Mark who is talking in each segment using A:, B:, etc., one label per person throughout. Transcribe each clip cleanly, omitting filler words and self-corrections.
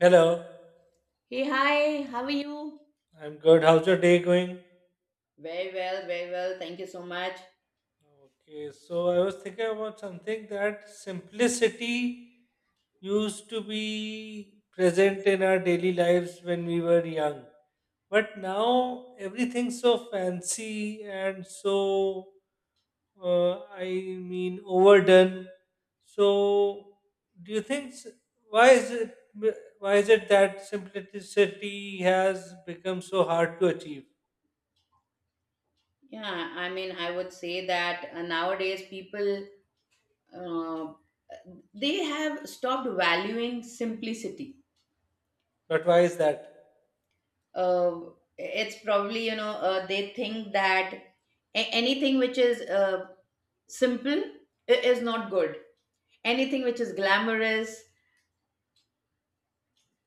A: Hello,
B: Hey, hi, how are you?
A: I'm good. How's your day going? Okay, so I was thinking about something that simplicity used to be present in our daily lives when we were young. But now everything's so fancy and so, I mean, overdone. So, do you think s- why is it why is it that simplicity has become so hard to achieve?
B: Yeah, I mean, I would say that nowadays people uh, they have stopped valuing simplicity.
A: But why is that?
B: Uh, it's probably, they think that anything which is simple is not good. Anything which is glamorous,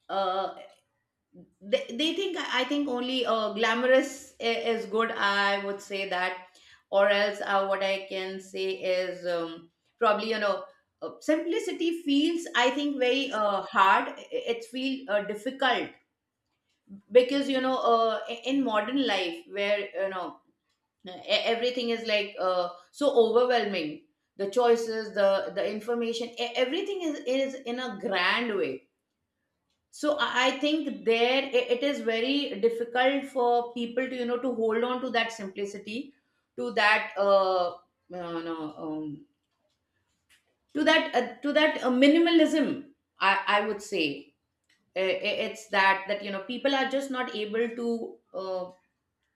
B: uh, they think I think only glamorous is good, I would say that, or else what I can say is, probably, simplicity feels, I think, very hard. It feels difficult because, in modern life where, you know, everything is like so overwhelming, the choices, the information, everything is in a grand way. So I think, there it is very difficult for people to, to hold on to that simplicity, to that no, to that minimalism. I would say, it's that, you know, people are just not able to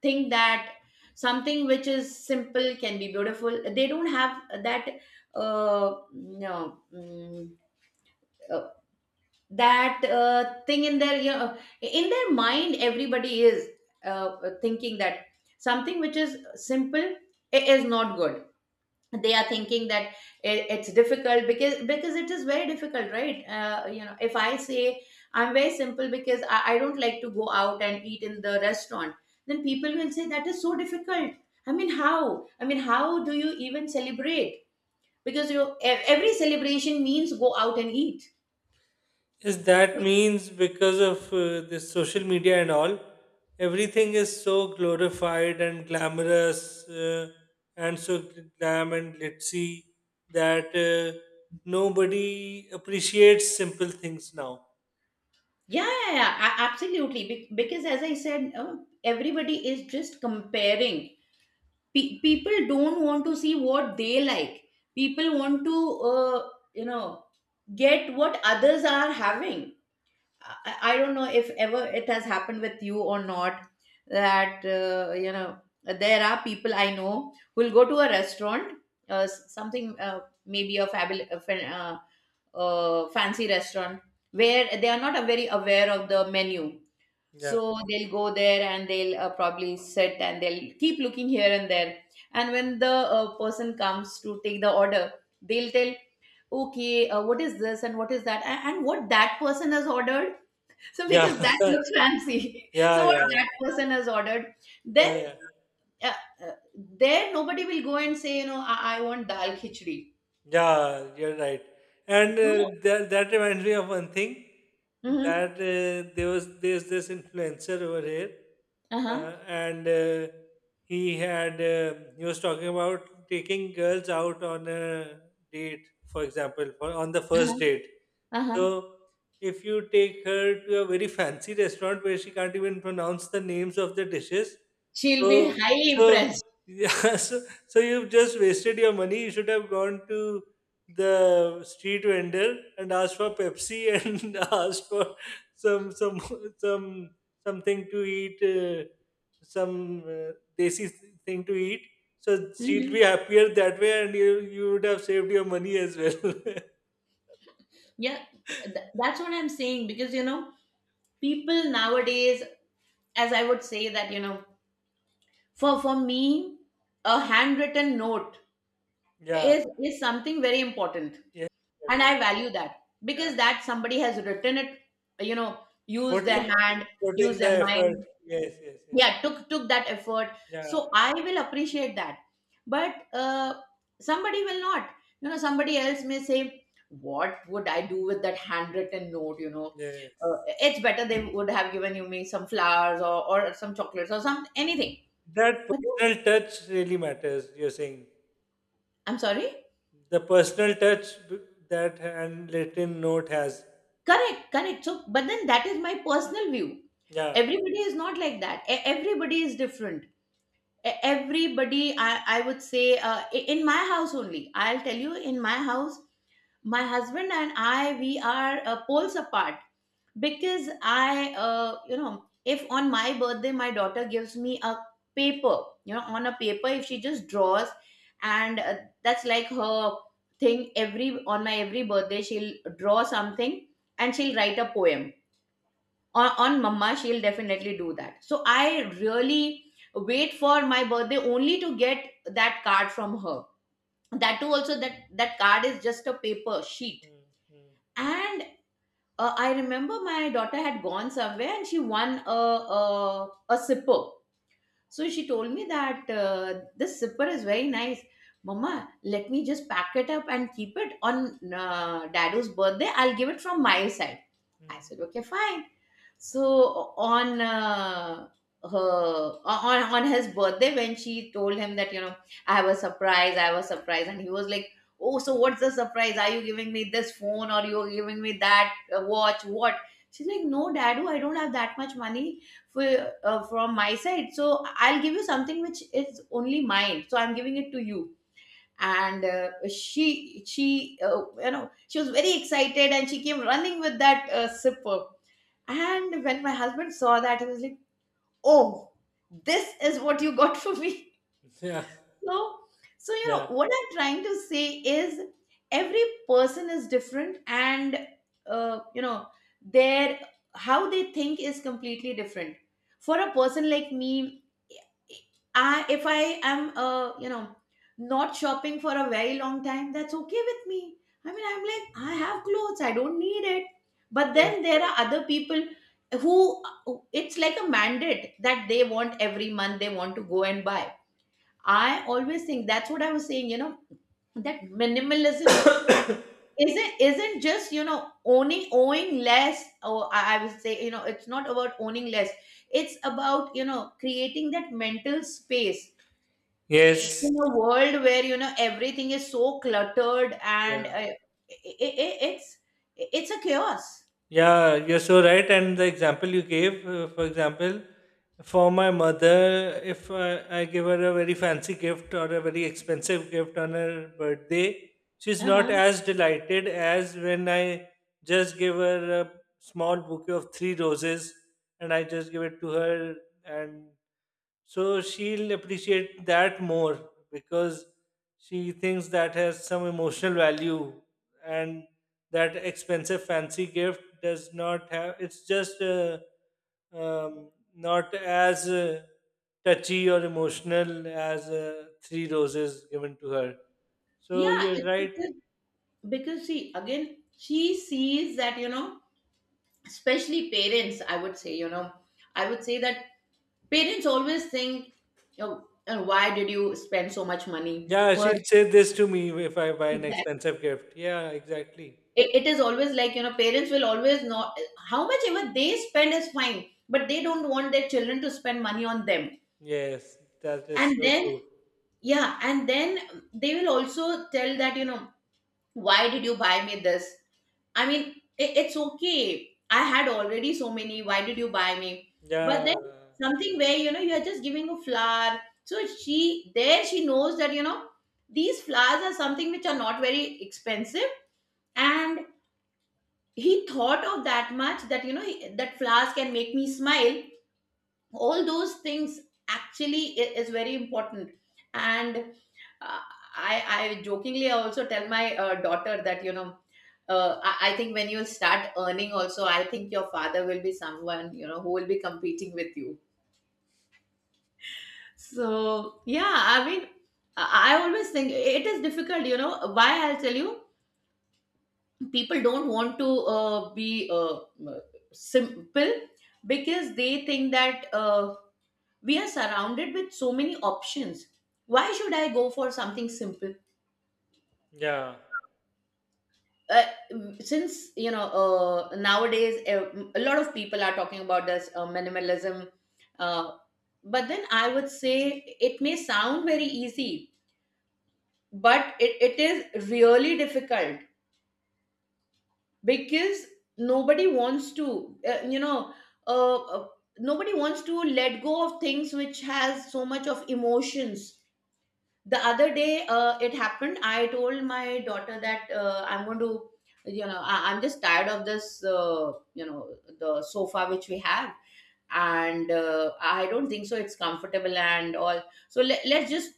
B: think that something which is simple can be beautiful. They don't have that, no, that thing in their, in their mind. Everybody is thinking that something which is simple, it is not good. They are thinking that it's difficult, because it is very difficult, right? If I say I'm very simple because I don't like to go out and eat in the restaurant, then people will say that is so difficult. I mean how, how do you even celebrate, because you every celebration means go out and eat?
A: Is that means because of this social media and all, everything is so glorified and glamorous, and so glam and glitzy that nobody appreciates simple things now.
B: Yeah, yeah, yeah, absolutely. Because, as I said, everybody is just comparing. People don't want to see what they like. People want to, you know, get what others are having. I don't know if ever it has happened with you or not, that there are people I know who'll go to a restaurant, something, maybe a fabul- a fan- fancy restaurant, where they are not very aware of the menu.
A: Yeah,
B: So they'll go there and they'll probably sit and they'll keep looking here and there. And when the person comes to take the order, they'll tell, okay, what is this and what is that, and what that person has ordered, so because
A: yeah,
B: that looks fancy,
A: yeah,
B: so what
A: yeah, yeah,
B: that person has ordered.
A: yeah.
B: Then
A: Yeah.
B: uh, there, nobody will go and say, you know, I want dal khichdi.
A: Yeah, you're right. And
B: No.
A: that reminds me of one thing.
B: Mm-hmm.
A: That There's this influencer over here,
B: Uh-huh.
A: and he had he was talking about taking girls out on a date, for example, on the first
B: Uh-huh.
A: date.
B: Uh-huh.
A: So if you take her to a very fancy restaurant where she can't even pronounce the names of the dishes,
B: She'll be
A: so
B: highly
A: so
B: impressed.
A: yeah, so you've just wasted your money. You should have gone to the street vendor and asked for Pepsi and asked for some some some something to eat, some desi thing to eat. So she'll be
B: Hmm.
A: happier that way, and you would have saved your money as well.
B: Yeah. That's what I'm saying, because, you know, people nowadays, as I would say that, you know, for me, a handwritten note
A: Yeah.
B: is something very important.
A: Yes, you're
B: And
A: right.
B: I value that,
A: Yeah.
B: because that somebody has written it, you know, used
A: Put
B: their
A: in
B: hand,
A: put
B: used
A: in the
B: their
A: effort.
B: mind,
A: Yes, yes, yes.
B: yeah, took that effort.
A: Yeah.
B: So I will appreciate that. But somebody will not, you know, somebody else may say, what would I do with that handwritten note? uh,
A: Yes.
B: it's better, they would have given you, me, some flowers, or some chocolates, or some, anything.
A: That
B: But
A: personal touch really matters, you're saying.
B: I'm sorry.
A: The personal touch, that handwritten note has.
B: Correct, correct. So, but then, that is my personal view.
A: Yeah.
B: Everybody is not like that. Everybody is different. Everybody, I would say, in my house only, I'll tell you, in my house, my husband and I, we are poles apart, because I, if on my birthday my daughter gives me a paper, you know, on a paper if she just draws, and that's like her thing. Every, on my every birthday, she'll draw something, and she'll write a poem on, mama. She'll definitely do that, so I really wait for my birthday only to get that card from her. That too, also, that card is just a paper sheet.
A: Mm, mm,
B: And I remember my daughter had gone somewhere and she won a, a sipper. So she told me that, this sipper is very nice. Mama, let me just pack it up and keep it on Dado's birthday. I'll give it from my side. I
A: mm.
B: said, okay, fine. So on her on his birthday, when she told him that, you know, I have a surprise, I have a surprise, and he was like, "Oh, so what's the surprise? Are you giving me this phone, or you're giving me that watch? What?" She's like, "No, Dadu, I don't have that much money for, from my side, so I'll give you something which is only mine. So I'm giving it to you." And she she was very excited and she came running with that sipper, and when my husband saw that, he was like, "Oh, this is what you got for me."
A: Yeah.
B: So, so you know
A: Yeah.
B: what I'm trying to say is, every person is different, and uh, you know their, how they think, is completely different. For a person like me, I if I am, not shopping for a very long time, that's okay with me. I mean, I'm like, I have clothes, I don't need it. But then
A: Yes.
B: there are other people who, it's like a mandate, that they want, every month they want to go and buy. I always think, that's what I was saying. You know, that minimalism isn't just, you know, owning owing less. Or I would say, you know, it's not about owning less. It's about, you know, creating that mental space,
A: Yes.
B: in a world where, you know, everything is so cluttered, and
A: Yeah.
B: i i i- it's it's a chaos.
A: Yeah, you're so right. And the example you gave, for example, for my mother, if I give her a very fancy gift or a very expensive gift on her birthday, she's not
B: Uh-huh.
A: as delighted as when I just give her a small bouquet of three roses and I just give it to her. And so she'll appreciate that more because she thinks that has some emotional value, and that expensive fancy gift does not have. It's just not as touchy or emotional as three roses given to her. So
B: Yeah,
A: you're
B: it's
A: right.
B: because, see, again, she sees that, you know, especially parents, I would say, you know, I would say that parents always think, oh, why did you spend so much money?
A: Yeah,
B: For,
A: she'll say this to me if I buy an
B: exactly,
A: expensive gift. Yeah, exactly.
B: it is always like, you know, parents will always know how much ever they spend is fine, but they don't want their children to spend money on them.
A: Yes, that is
B: And
A: so
B: then,
A: true.
B: yeah, and then they will also tell that, you know, why did you buy me this? I mean, it's okay, I had already so many, why did you buy me? But then,
A: Yeah,
B: something where, you know, you are just giving a flower, so she, there, she knows that, you know, these flowers are something which are not very expensive, and he thought of that much, that, you know, that flowers can make me smile. All those things, actually, is very important. And uh, I jokingly also tell my daughter that, you know, I think when you start earning also, I think your father will be someone, you know, who will be competing with you. So yeah, I mean, I always think it is difficult, you know. Why? I'll tell you. People don't want to be uh, simple, because they think that, we are surrounded with so many options, why should I go for something simple?
A: yeah,
B: uh, since, you know, nowadays, a lot of people are talking about this minimalism, uh, but then I would say, it may sound very easy, but it is really difficult, because nobody wants to, uh, uh, let go of things which has so much of emotions. The other day, it happened, I told my daughter that, I'm going to, you know, I'm just tired of this, the sofa which we have, and I don't think so it's comfortable and all, so let's just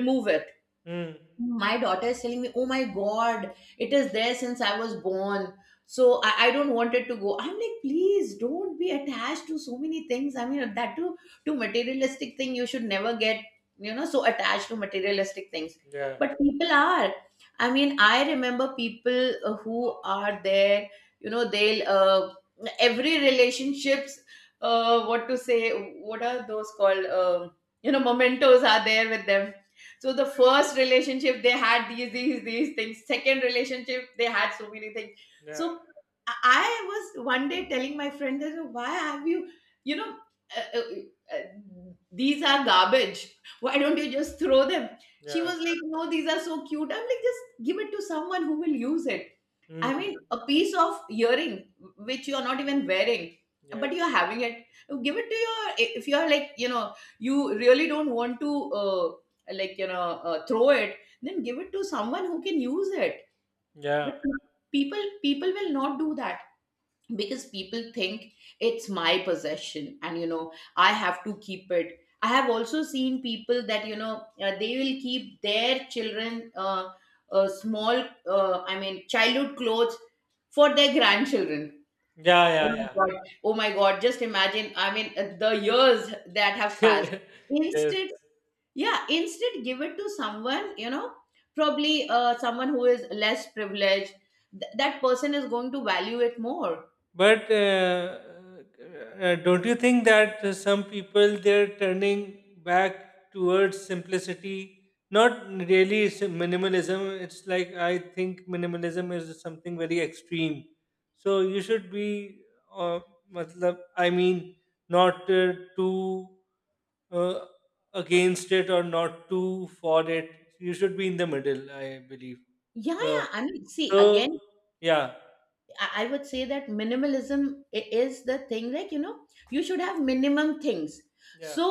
B: remove it.
A: mm,
B: My daughter is telling me, oh my god, it is there since I was born. So I don't want it to go. I'm like, please don't be attached to so many things, I mean, that too, to materialistic thing, you should never get, you know, so attached to materialistic things.
A: yeah,
B: But people are, I mean, I remember people, who are there, you know, they'll every relationships, what to say, what are those called? You know, mementos are there with them. So the first relationship, they had these things, second relationship, they had so many things. So
A: yeah,
B: I was one day telling my friend that, "So, why have you, you know uh, these are garbage, why don't you just throw them?" She
A: yeah,
B: was like, no, these are so cute. I'm like, just give it to someone who will use it. I mean,
A: mm,
B: a piece of earring which you are not even wearing, but
A: yes,
B: you're having it. Give it to your. If you're like, you know, you really don't want to, like, you know, throw it, then give it to someone who can use it.
A: yeah,
B: But people will not do that because people think it's my possession, and you know, I have to keep it. I have also seen people that you know they will keep their children. Small, I mean, childhood clothes for their grandchildren.
A: yeah,
B: Oh my
A: yeah,
B: God. Oh my God. Just imagine, I mean, the years that have passed.
A: yeah, yes.
B: Instead, yeah, instead give it to someone, you know, probably someone who is less privileged. That person is going to value it more.
A: But don't you think that some people, they're turning back towards simplicity, not really minimalism? It's like I think minimalism is something very extreme. So you should be, uh, matlab, I mean, not too uh, against it or not too for it. You should be in the middle, I believe.
B: Yeah,
A: So,
B: yeah. I mean, see,
A: so,
B: again,
A: yeah,
B: I would say that minimalism is the thing, like, you know, you should have minimum things.
A: yeah,
B: So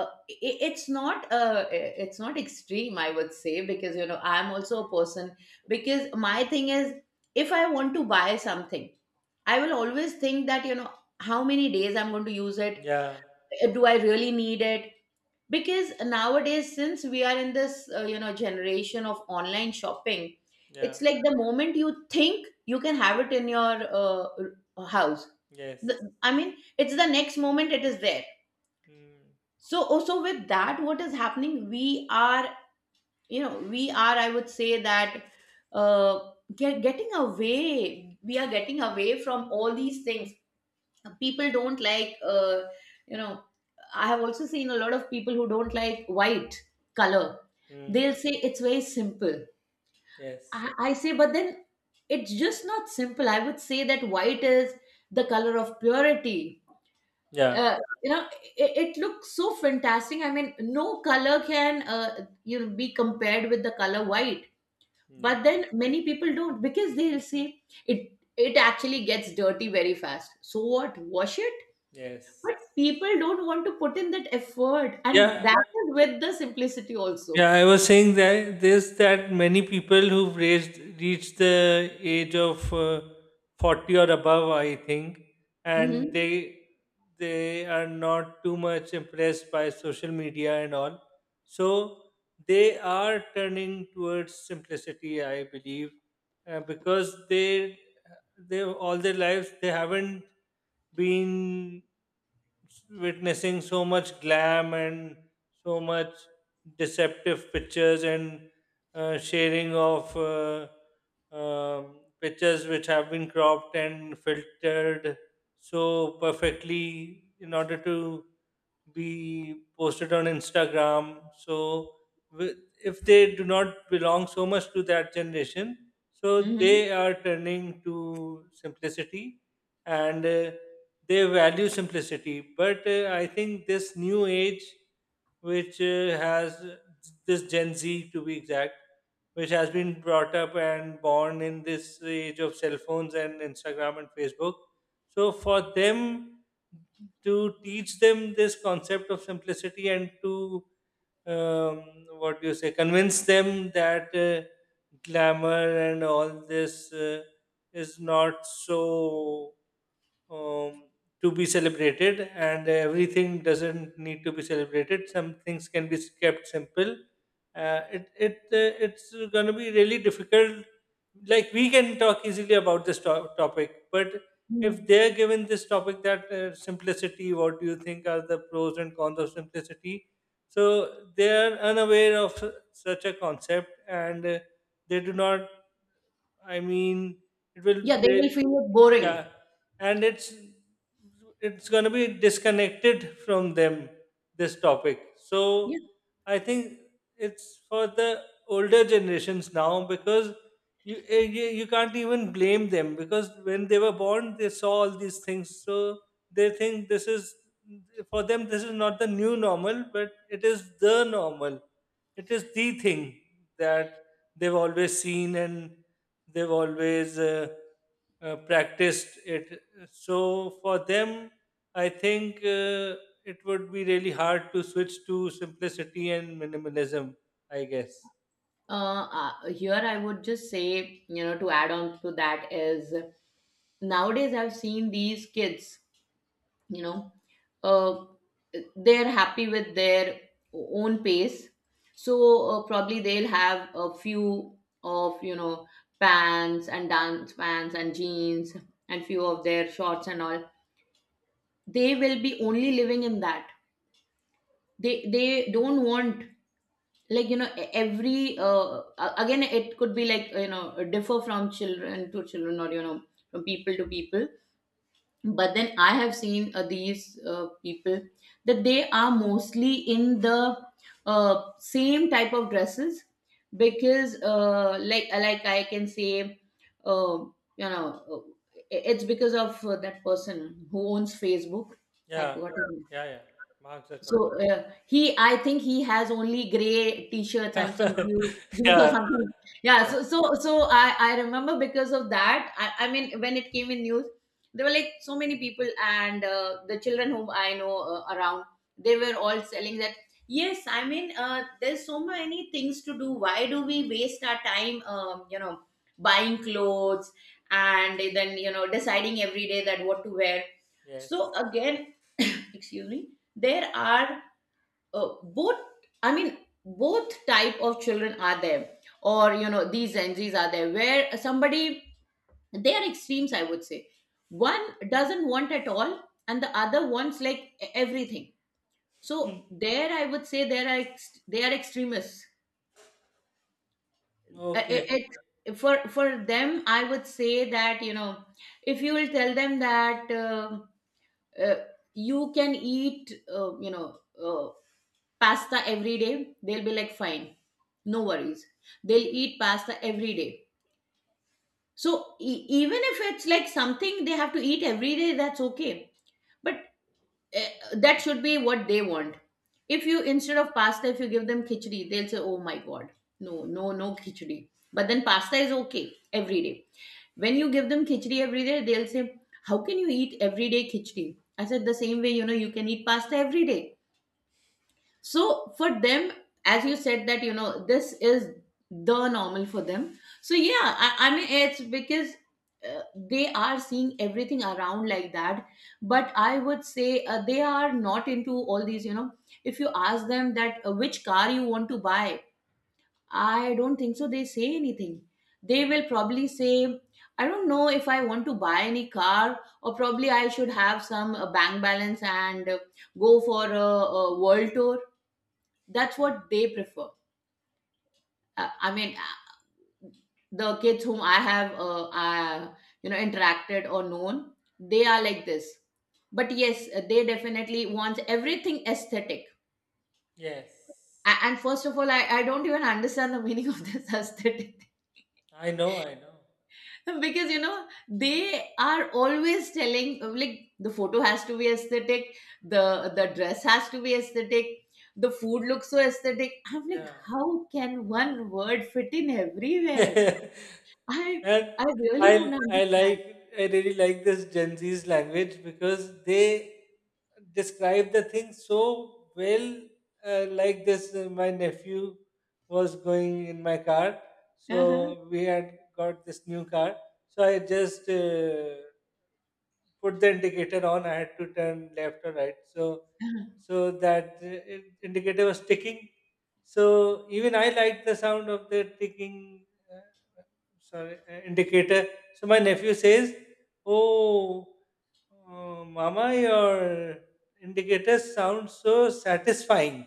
B: uh, it's not it's not extreme, I would say, because you know, I'm also a person because my thing is, if I want to buy something, I will always think that, you know, how many days I'm going to use it?
A: yeah,
B: Do I really need it? Because nowadays, since we are in this you know, generation of online shopping,
A: yeah.
B: it's like the moment you think you can have it in your uh, house, the,
A: Yes.
B: I mean, it's the next moment it is there.
A: Mm.
B: So also with that, what is happening, we are, you know, we are, I would say that getting away, we are getting away from all these things. People don't like, you know, I have also seen a lot of people who don't like white color.
A: Mm.
B: They'll say it's very simple.
A: Yes.
B: I say, but then it's just not simple. I would say that white is the color of purity.
A: Yeah.
B: uh, you know, it looks so fantastic. I mean, no color can you know, be compared with the color white.
A: Yes.
B: But then many people don't, because they'll say it, it actually gets dirty very fast, so what, wash it.
A: Yes.
B: But people don't want to put in that effort, and
A: Yeah.
B: that is with the simplicity also.
A: Yeah, I was saying that this that many people who've raised reached the age of 40 or above, I think, and
B: Hmm.
A: they are not too much impressed by social media and all. So they are turning towards simplicity, I believe, because they all their lives they haven't been witnessing so much glam and so much deceptive pictures and sharing of pictures which have been cropped and filtered so perfectly in order to be posted on Instagram. So wi- if they do not belong so much to that generation, so
B: Hmm.
A: they are turning to simplicity, and they value simplicity. But I think this new age, which has this Gen Z, to be exact, which has been brought up and born in this age of cell phones and Instagram and Facebook. So for them, to teach them this concept of simplicity and to um, what do you say, convince them that glamour and all this is not so, um, to be celebrated, and everything doesn't need to be celebrated. Some things can be kept simple. It's gonna be really difficult. Like we can talk easily about this topic, but if they're given this topic that, simplicity, what do you think are the pros and cons of simplicity? So they are unaware of such a concept, and they do not. I mean, it will.
B: Yeah, they will feel it boring.
A: Yeah, and it's going to be disconnected from them, this topic. So
B: Yeah.
A: I think it's for the older generations now, because you can't even blame them, because when they were born they saw all these things, so they think this is, for them this is not the new normal, but it is the normal. It is the thing that they've always seen and they've always practiced it. So for them, I think it would be really hard to switch to simplicity and minimalism. I guess.
B: Here I would just say, you know, to add on to that is, nowadays I've seen these kids, you know, uh, they're happy with their own pace. So probably they'll have a few of, you know, pants and dance pants and jeans and few of their shorts and all. They will be only living in that. They don't want, like, you know, every again, it could be like, you know, differ from children to children, or you know, from people to people. But then I have seen these people that they are mostly in the same type of dresses. Because like I can say, uh, you know, it's because of that person who owns Facebook. I
A: Yeah,
B: forgot his.
A: yeah, yeah. Mark Zuckerberg.
B: So he, I think, he has only gray t-shirts and some
A: Yeah,
B: blue jeans or
A: yeah,
B: something. Yeah.
A: yeah.
B: So I remember because of that. I mean, when it came in news, there were like so many people, and the children whom I know, around, they were all selling that. Yes, I mean, there's so many things to do. Why do we waste our time? You know, buying clothes and then, you know, deciding every day that what to wear. So
A: Yes.
B: again, excuse me, there are both, I mean, both type of children are there, or you know, these gen z's are there, where somebody, they are extremes, I would say. One doesn't want at all, and the other wants like everything. So there, I would say there are they are extremists. Uh, it-
A: Okay.
B: it- for them, I would say that, you know, if you will tell them that uh, you can eat, you know, uh, pasta every day, they'll be like fine, no worries, they'll eat pasta every day. So even if it's like something they have to eat every day, that's okay. But eh, that should be what they want. If you, instead of pasta, if you give them khichdi, they'll say, oh my god, no no no khichdi. But then pasta is okay every day. When you give them khichdi every day, they'll say, how can you eat every day khichdi? I said, the same way, you know, you can eat pasta every day. So for them, as you said that, you know, this is the normal for them, so yeah. I mean, it's because they are seeing everything around like that. But I would say they are not into all these, you know. If you ask them that which car you want to buy, I don't think so they say anything. They will probably say, I don't know if I want to buy any car, or probably I should have some bank balance and go for a world tour. That's what they prefer. I mean, the kids whom I have you know, interacted or known, they are like this. But yes, they definitely want everything aesthetic.
A: Yes.
B: And first of all, I don't even understand the meaning of this aesthetic
A: I know. I know.
B: thing. Because you know, they are always telling, like, the photo has to be aesthetic, the the dress has to be aesthetic, the food looks so aesthetic. I'm like,
A: Yeah.
B: how can one word fit in everywhere?
A: And
B: I I really
A: I
B: don't
A: I
B: understand.
A: like I really like this Gen Z's language because they describe the thing so well. Like this, my nephew was going in my car,
B: Uh-huh.
A: so we had got this new car. So I just put the indicator on. I had to turn left or right, so
B: Uh-huh.
A: so that, indicator was ticking. So even I liked the sound of the ticking, uh, sorry, indicator. So my nephew says, "Oh, Mama, your indicator sounds so satisfying."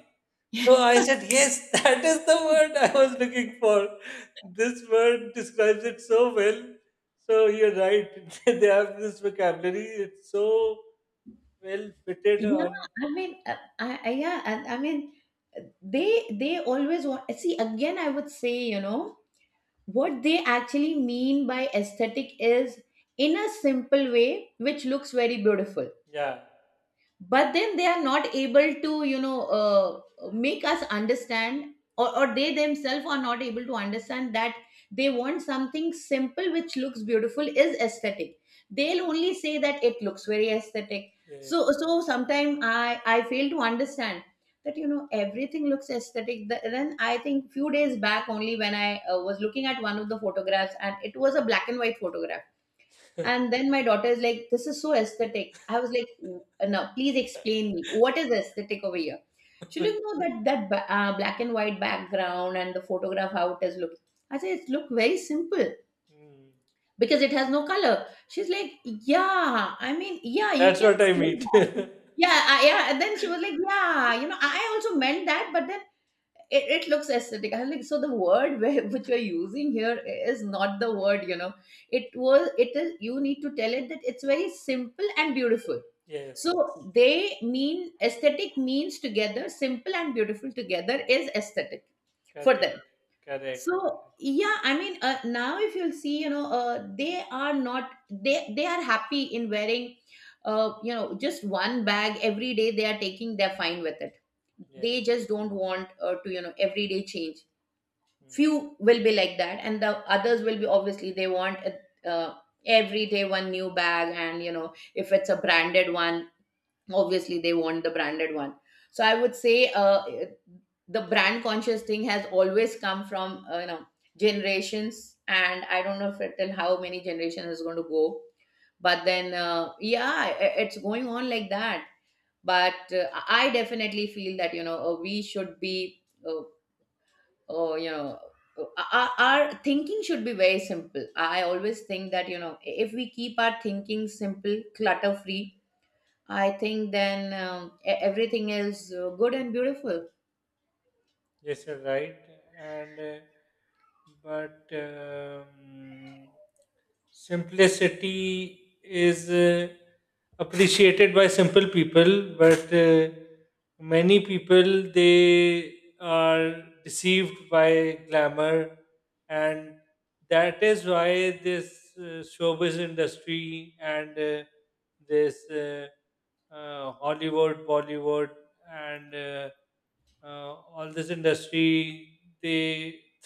A: So I said, "Yes, that is the word I was looking for. This word describes it so well." So you're right. They have this vocabulary. It's so well fitted
B: Yeah,
A: on.
B: I mean, I yeah, I mean, they always want. See, again, I would say, you know, what they actually mean by aesthetic is, in a simple way, which looks very beautiful.
A: Yeah.
B: But then they are not able to, you know, make us understand, or they themselves are not able to understand that they want something simple which looks beautiful is aesthetic. They'll only say that it looks very aesthetic.
A: Yeah.
B: So so sometimes I fail to understand that, you know, everything looks aesthetic. Then I think few days back only, when I was looking at one of the photographs, and it was a black and white photograph, and then my daughter is like, "This is so aesthetic." I was like, "W- no, please explain me. What is aesthetic over here?" She looked, "No, that that black and white background and the photograph how it is look." I said, "It look very simple
A: Mm.
B: because it has no color." She's like, "Yeah, I mean, yeah, you
A: That's
B: can
A: what I
B: do
A: mean.
B: that." Yeah, yeah. And then she was like, "Yeah, you know, I also meant that, but then it looks aesthetic." I'm like, so the word where, which we're using here, is not the word, you know. It is, you need to tell it that it's very simple and beautiful.
A: Yes.
B: So they mean aesthetic means together, simple and beautiful together is aesthetic
A: Correct.
B: for them.
A: Correct.
B: So yeah, I mean, now if you'll see, you know, they are not, they they are happy in wearing you know, just one bag every day. They are taking they're fine with it.
A: Yeah.
B: They just don't want to, you know, everyday change.
A: Hmm.
B: Few will be like that, and the others will be obviously they want uh, every day one new bag. And you know, if it's a branded one, obviously they want the branded one. So I would say the brand conscious thing has always come from, you know, generations, and I don't know if it, till how many generations is going to go. But then yeah, it's going on like that. But I definitely feel that, you know, we should be you know, our thinking should be very simple. I always think that, you know, if we keep our thinking simple, clutter free I think then, everything is good and beautiful.
A: Yes, you're right. And but simplicity is appreciated by simple people, but many people, they are deceived by glamour, and that is why this showbiz industry and this Hollywood, Bollywood and all this industry, they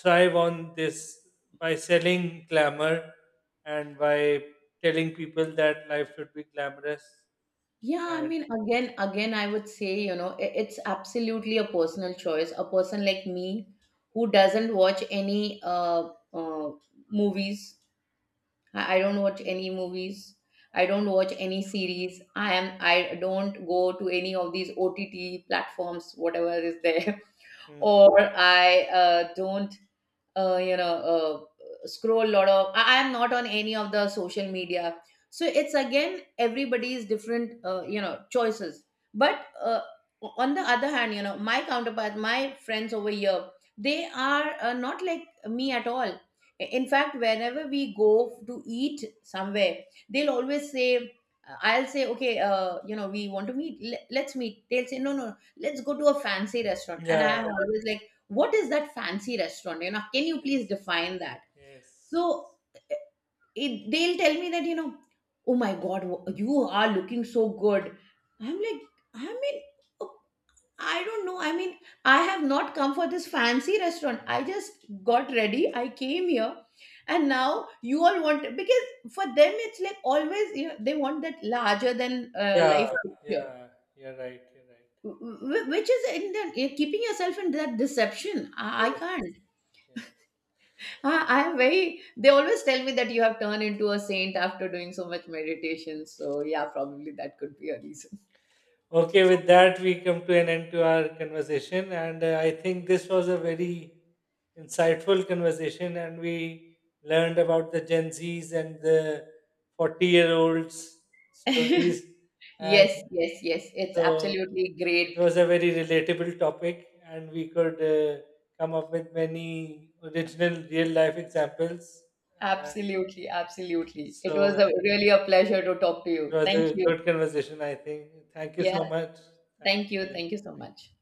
A: thrive on this by selling glamour and by telling people that life should be glamorous
B: Yeah, I
A: and
B: mean, again, again, I would say, you know, it's absolutely a personal choice. A person like me who doesn't watch any movies. I don't watch any movies. I don't watch any series. I am. I don't go to any of these OTT platforms, whatever is there,
A: mm,
B: or I don't you know, scroll a lot of. Am not on any of the social media. So it's again, everybody's different, you know, choices. But on the other hand, you know, my counterpart, my friends over here, they are not like me at all. In fact, whenever we go to eat somewhere, they'll always say, I'll say okay, you know, we want to meet, let's meet. They'll say, no no, let's go to a fancy restaurant. And
A: yeah,
B: I'm always like, what is that fancy restaurant, you know? Can you please
A: yes,
B: define that?
A: yes,
B: So it, they'll tell me that, you know, oh my god, you are looking so good. I'm like, I mean, oh, I don't know. I mean, I have not come for this fancy restaurant. I just got ready, I came here, and now you all want, because for them, it's like always, you know, they want that larger than,
A: yeah,
B: life picture,
A: yeah, you're right, you're right,
B: which is, in the keeping yourself in that deception, I
A: yes, yes.
B: can't. Ah, I'm very, they always tell me that you have turned into a saint after doing so much meditation. So, yeah, probably that could be a reason.
A: Okay, with that, we come to an end to our conversation. And I think this was a very insightful conversation. And we learned about the Gen Zs and the 40-year-olds stories. And
B: Yes, yes, yes. It's
A: so
B: absolutely
A: it
B: great.
A: was a very relatable topic. And we could come up with many original real life examples. Uh,
B: Absolutely, absolutely. It was
A: so
B: a, really a pleasure to talk to
A: it
B: you.
A: was
B: Thank
A: a
B: you.
A: good conversation, I think. Thank you
B: Yeah,
A: so much. Thank
B: thank you.
A: you.
B: Thank you so
A: Thank you.
B: much.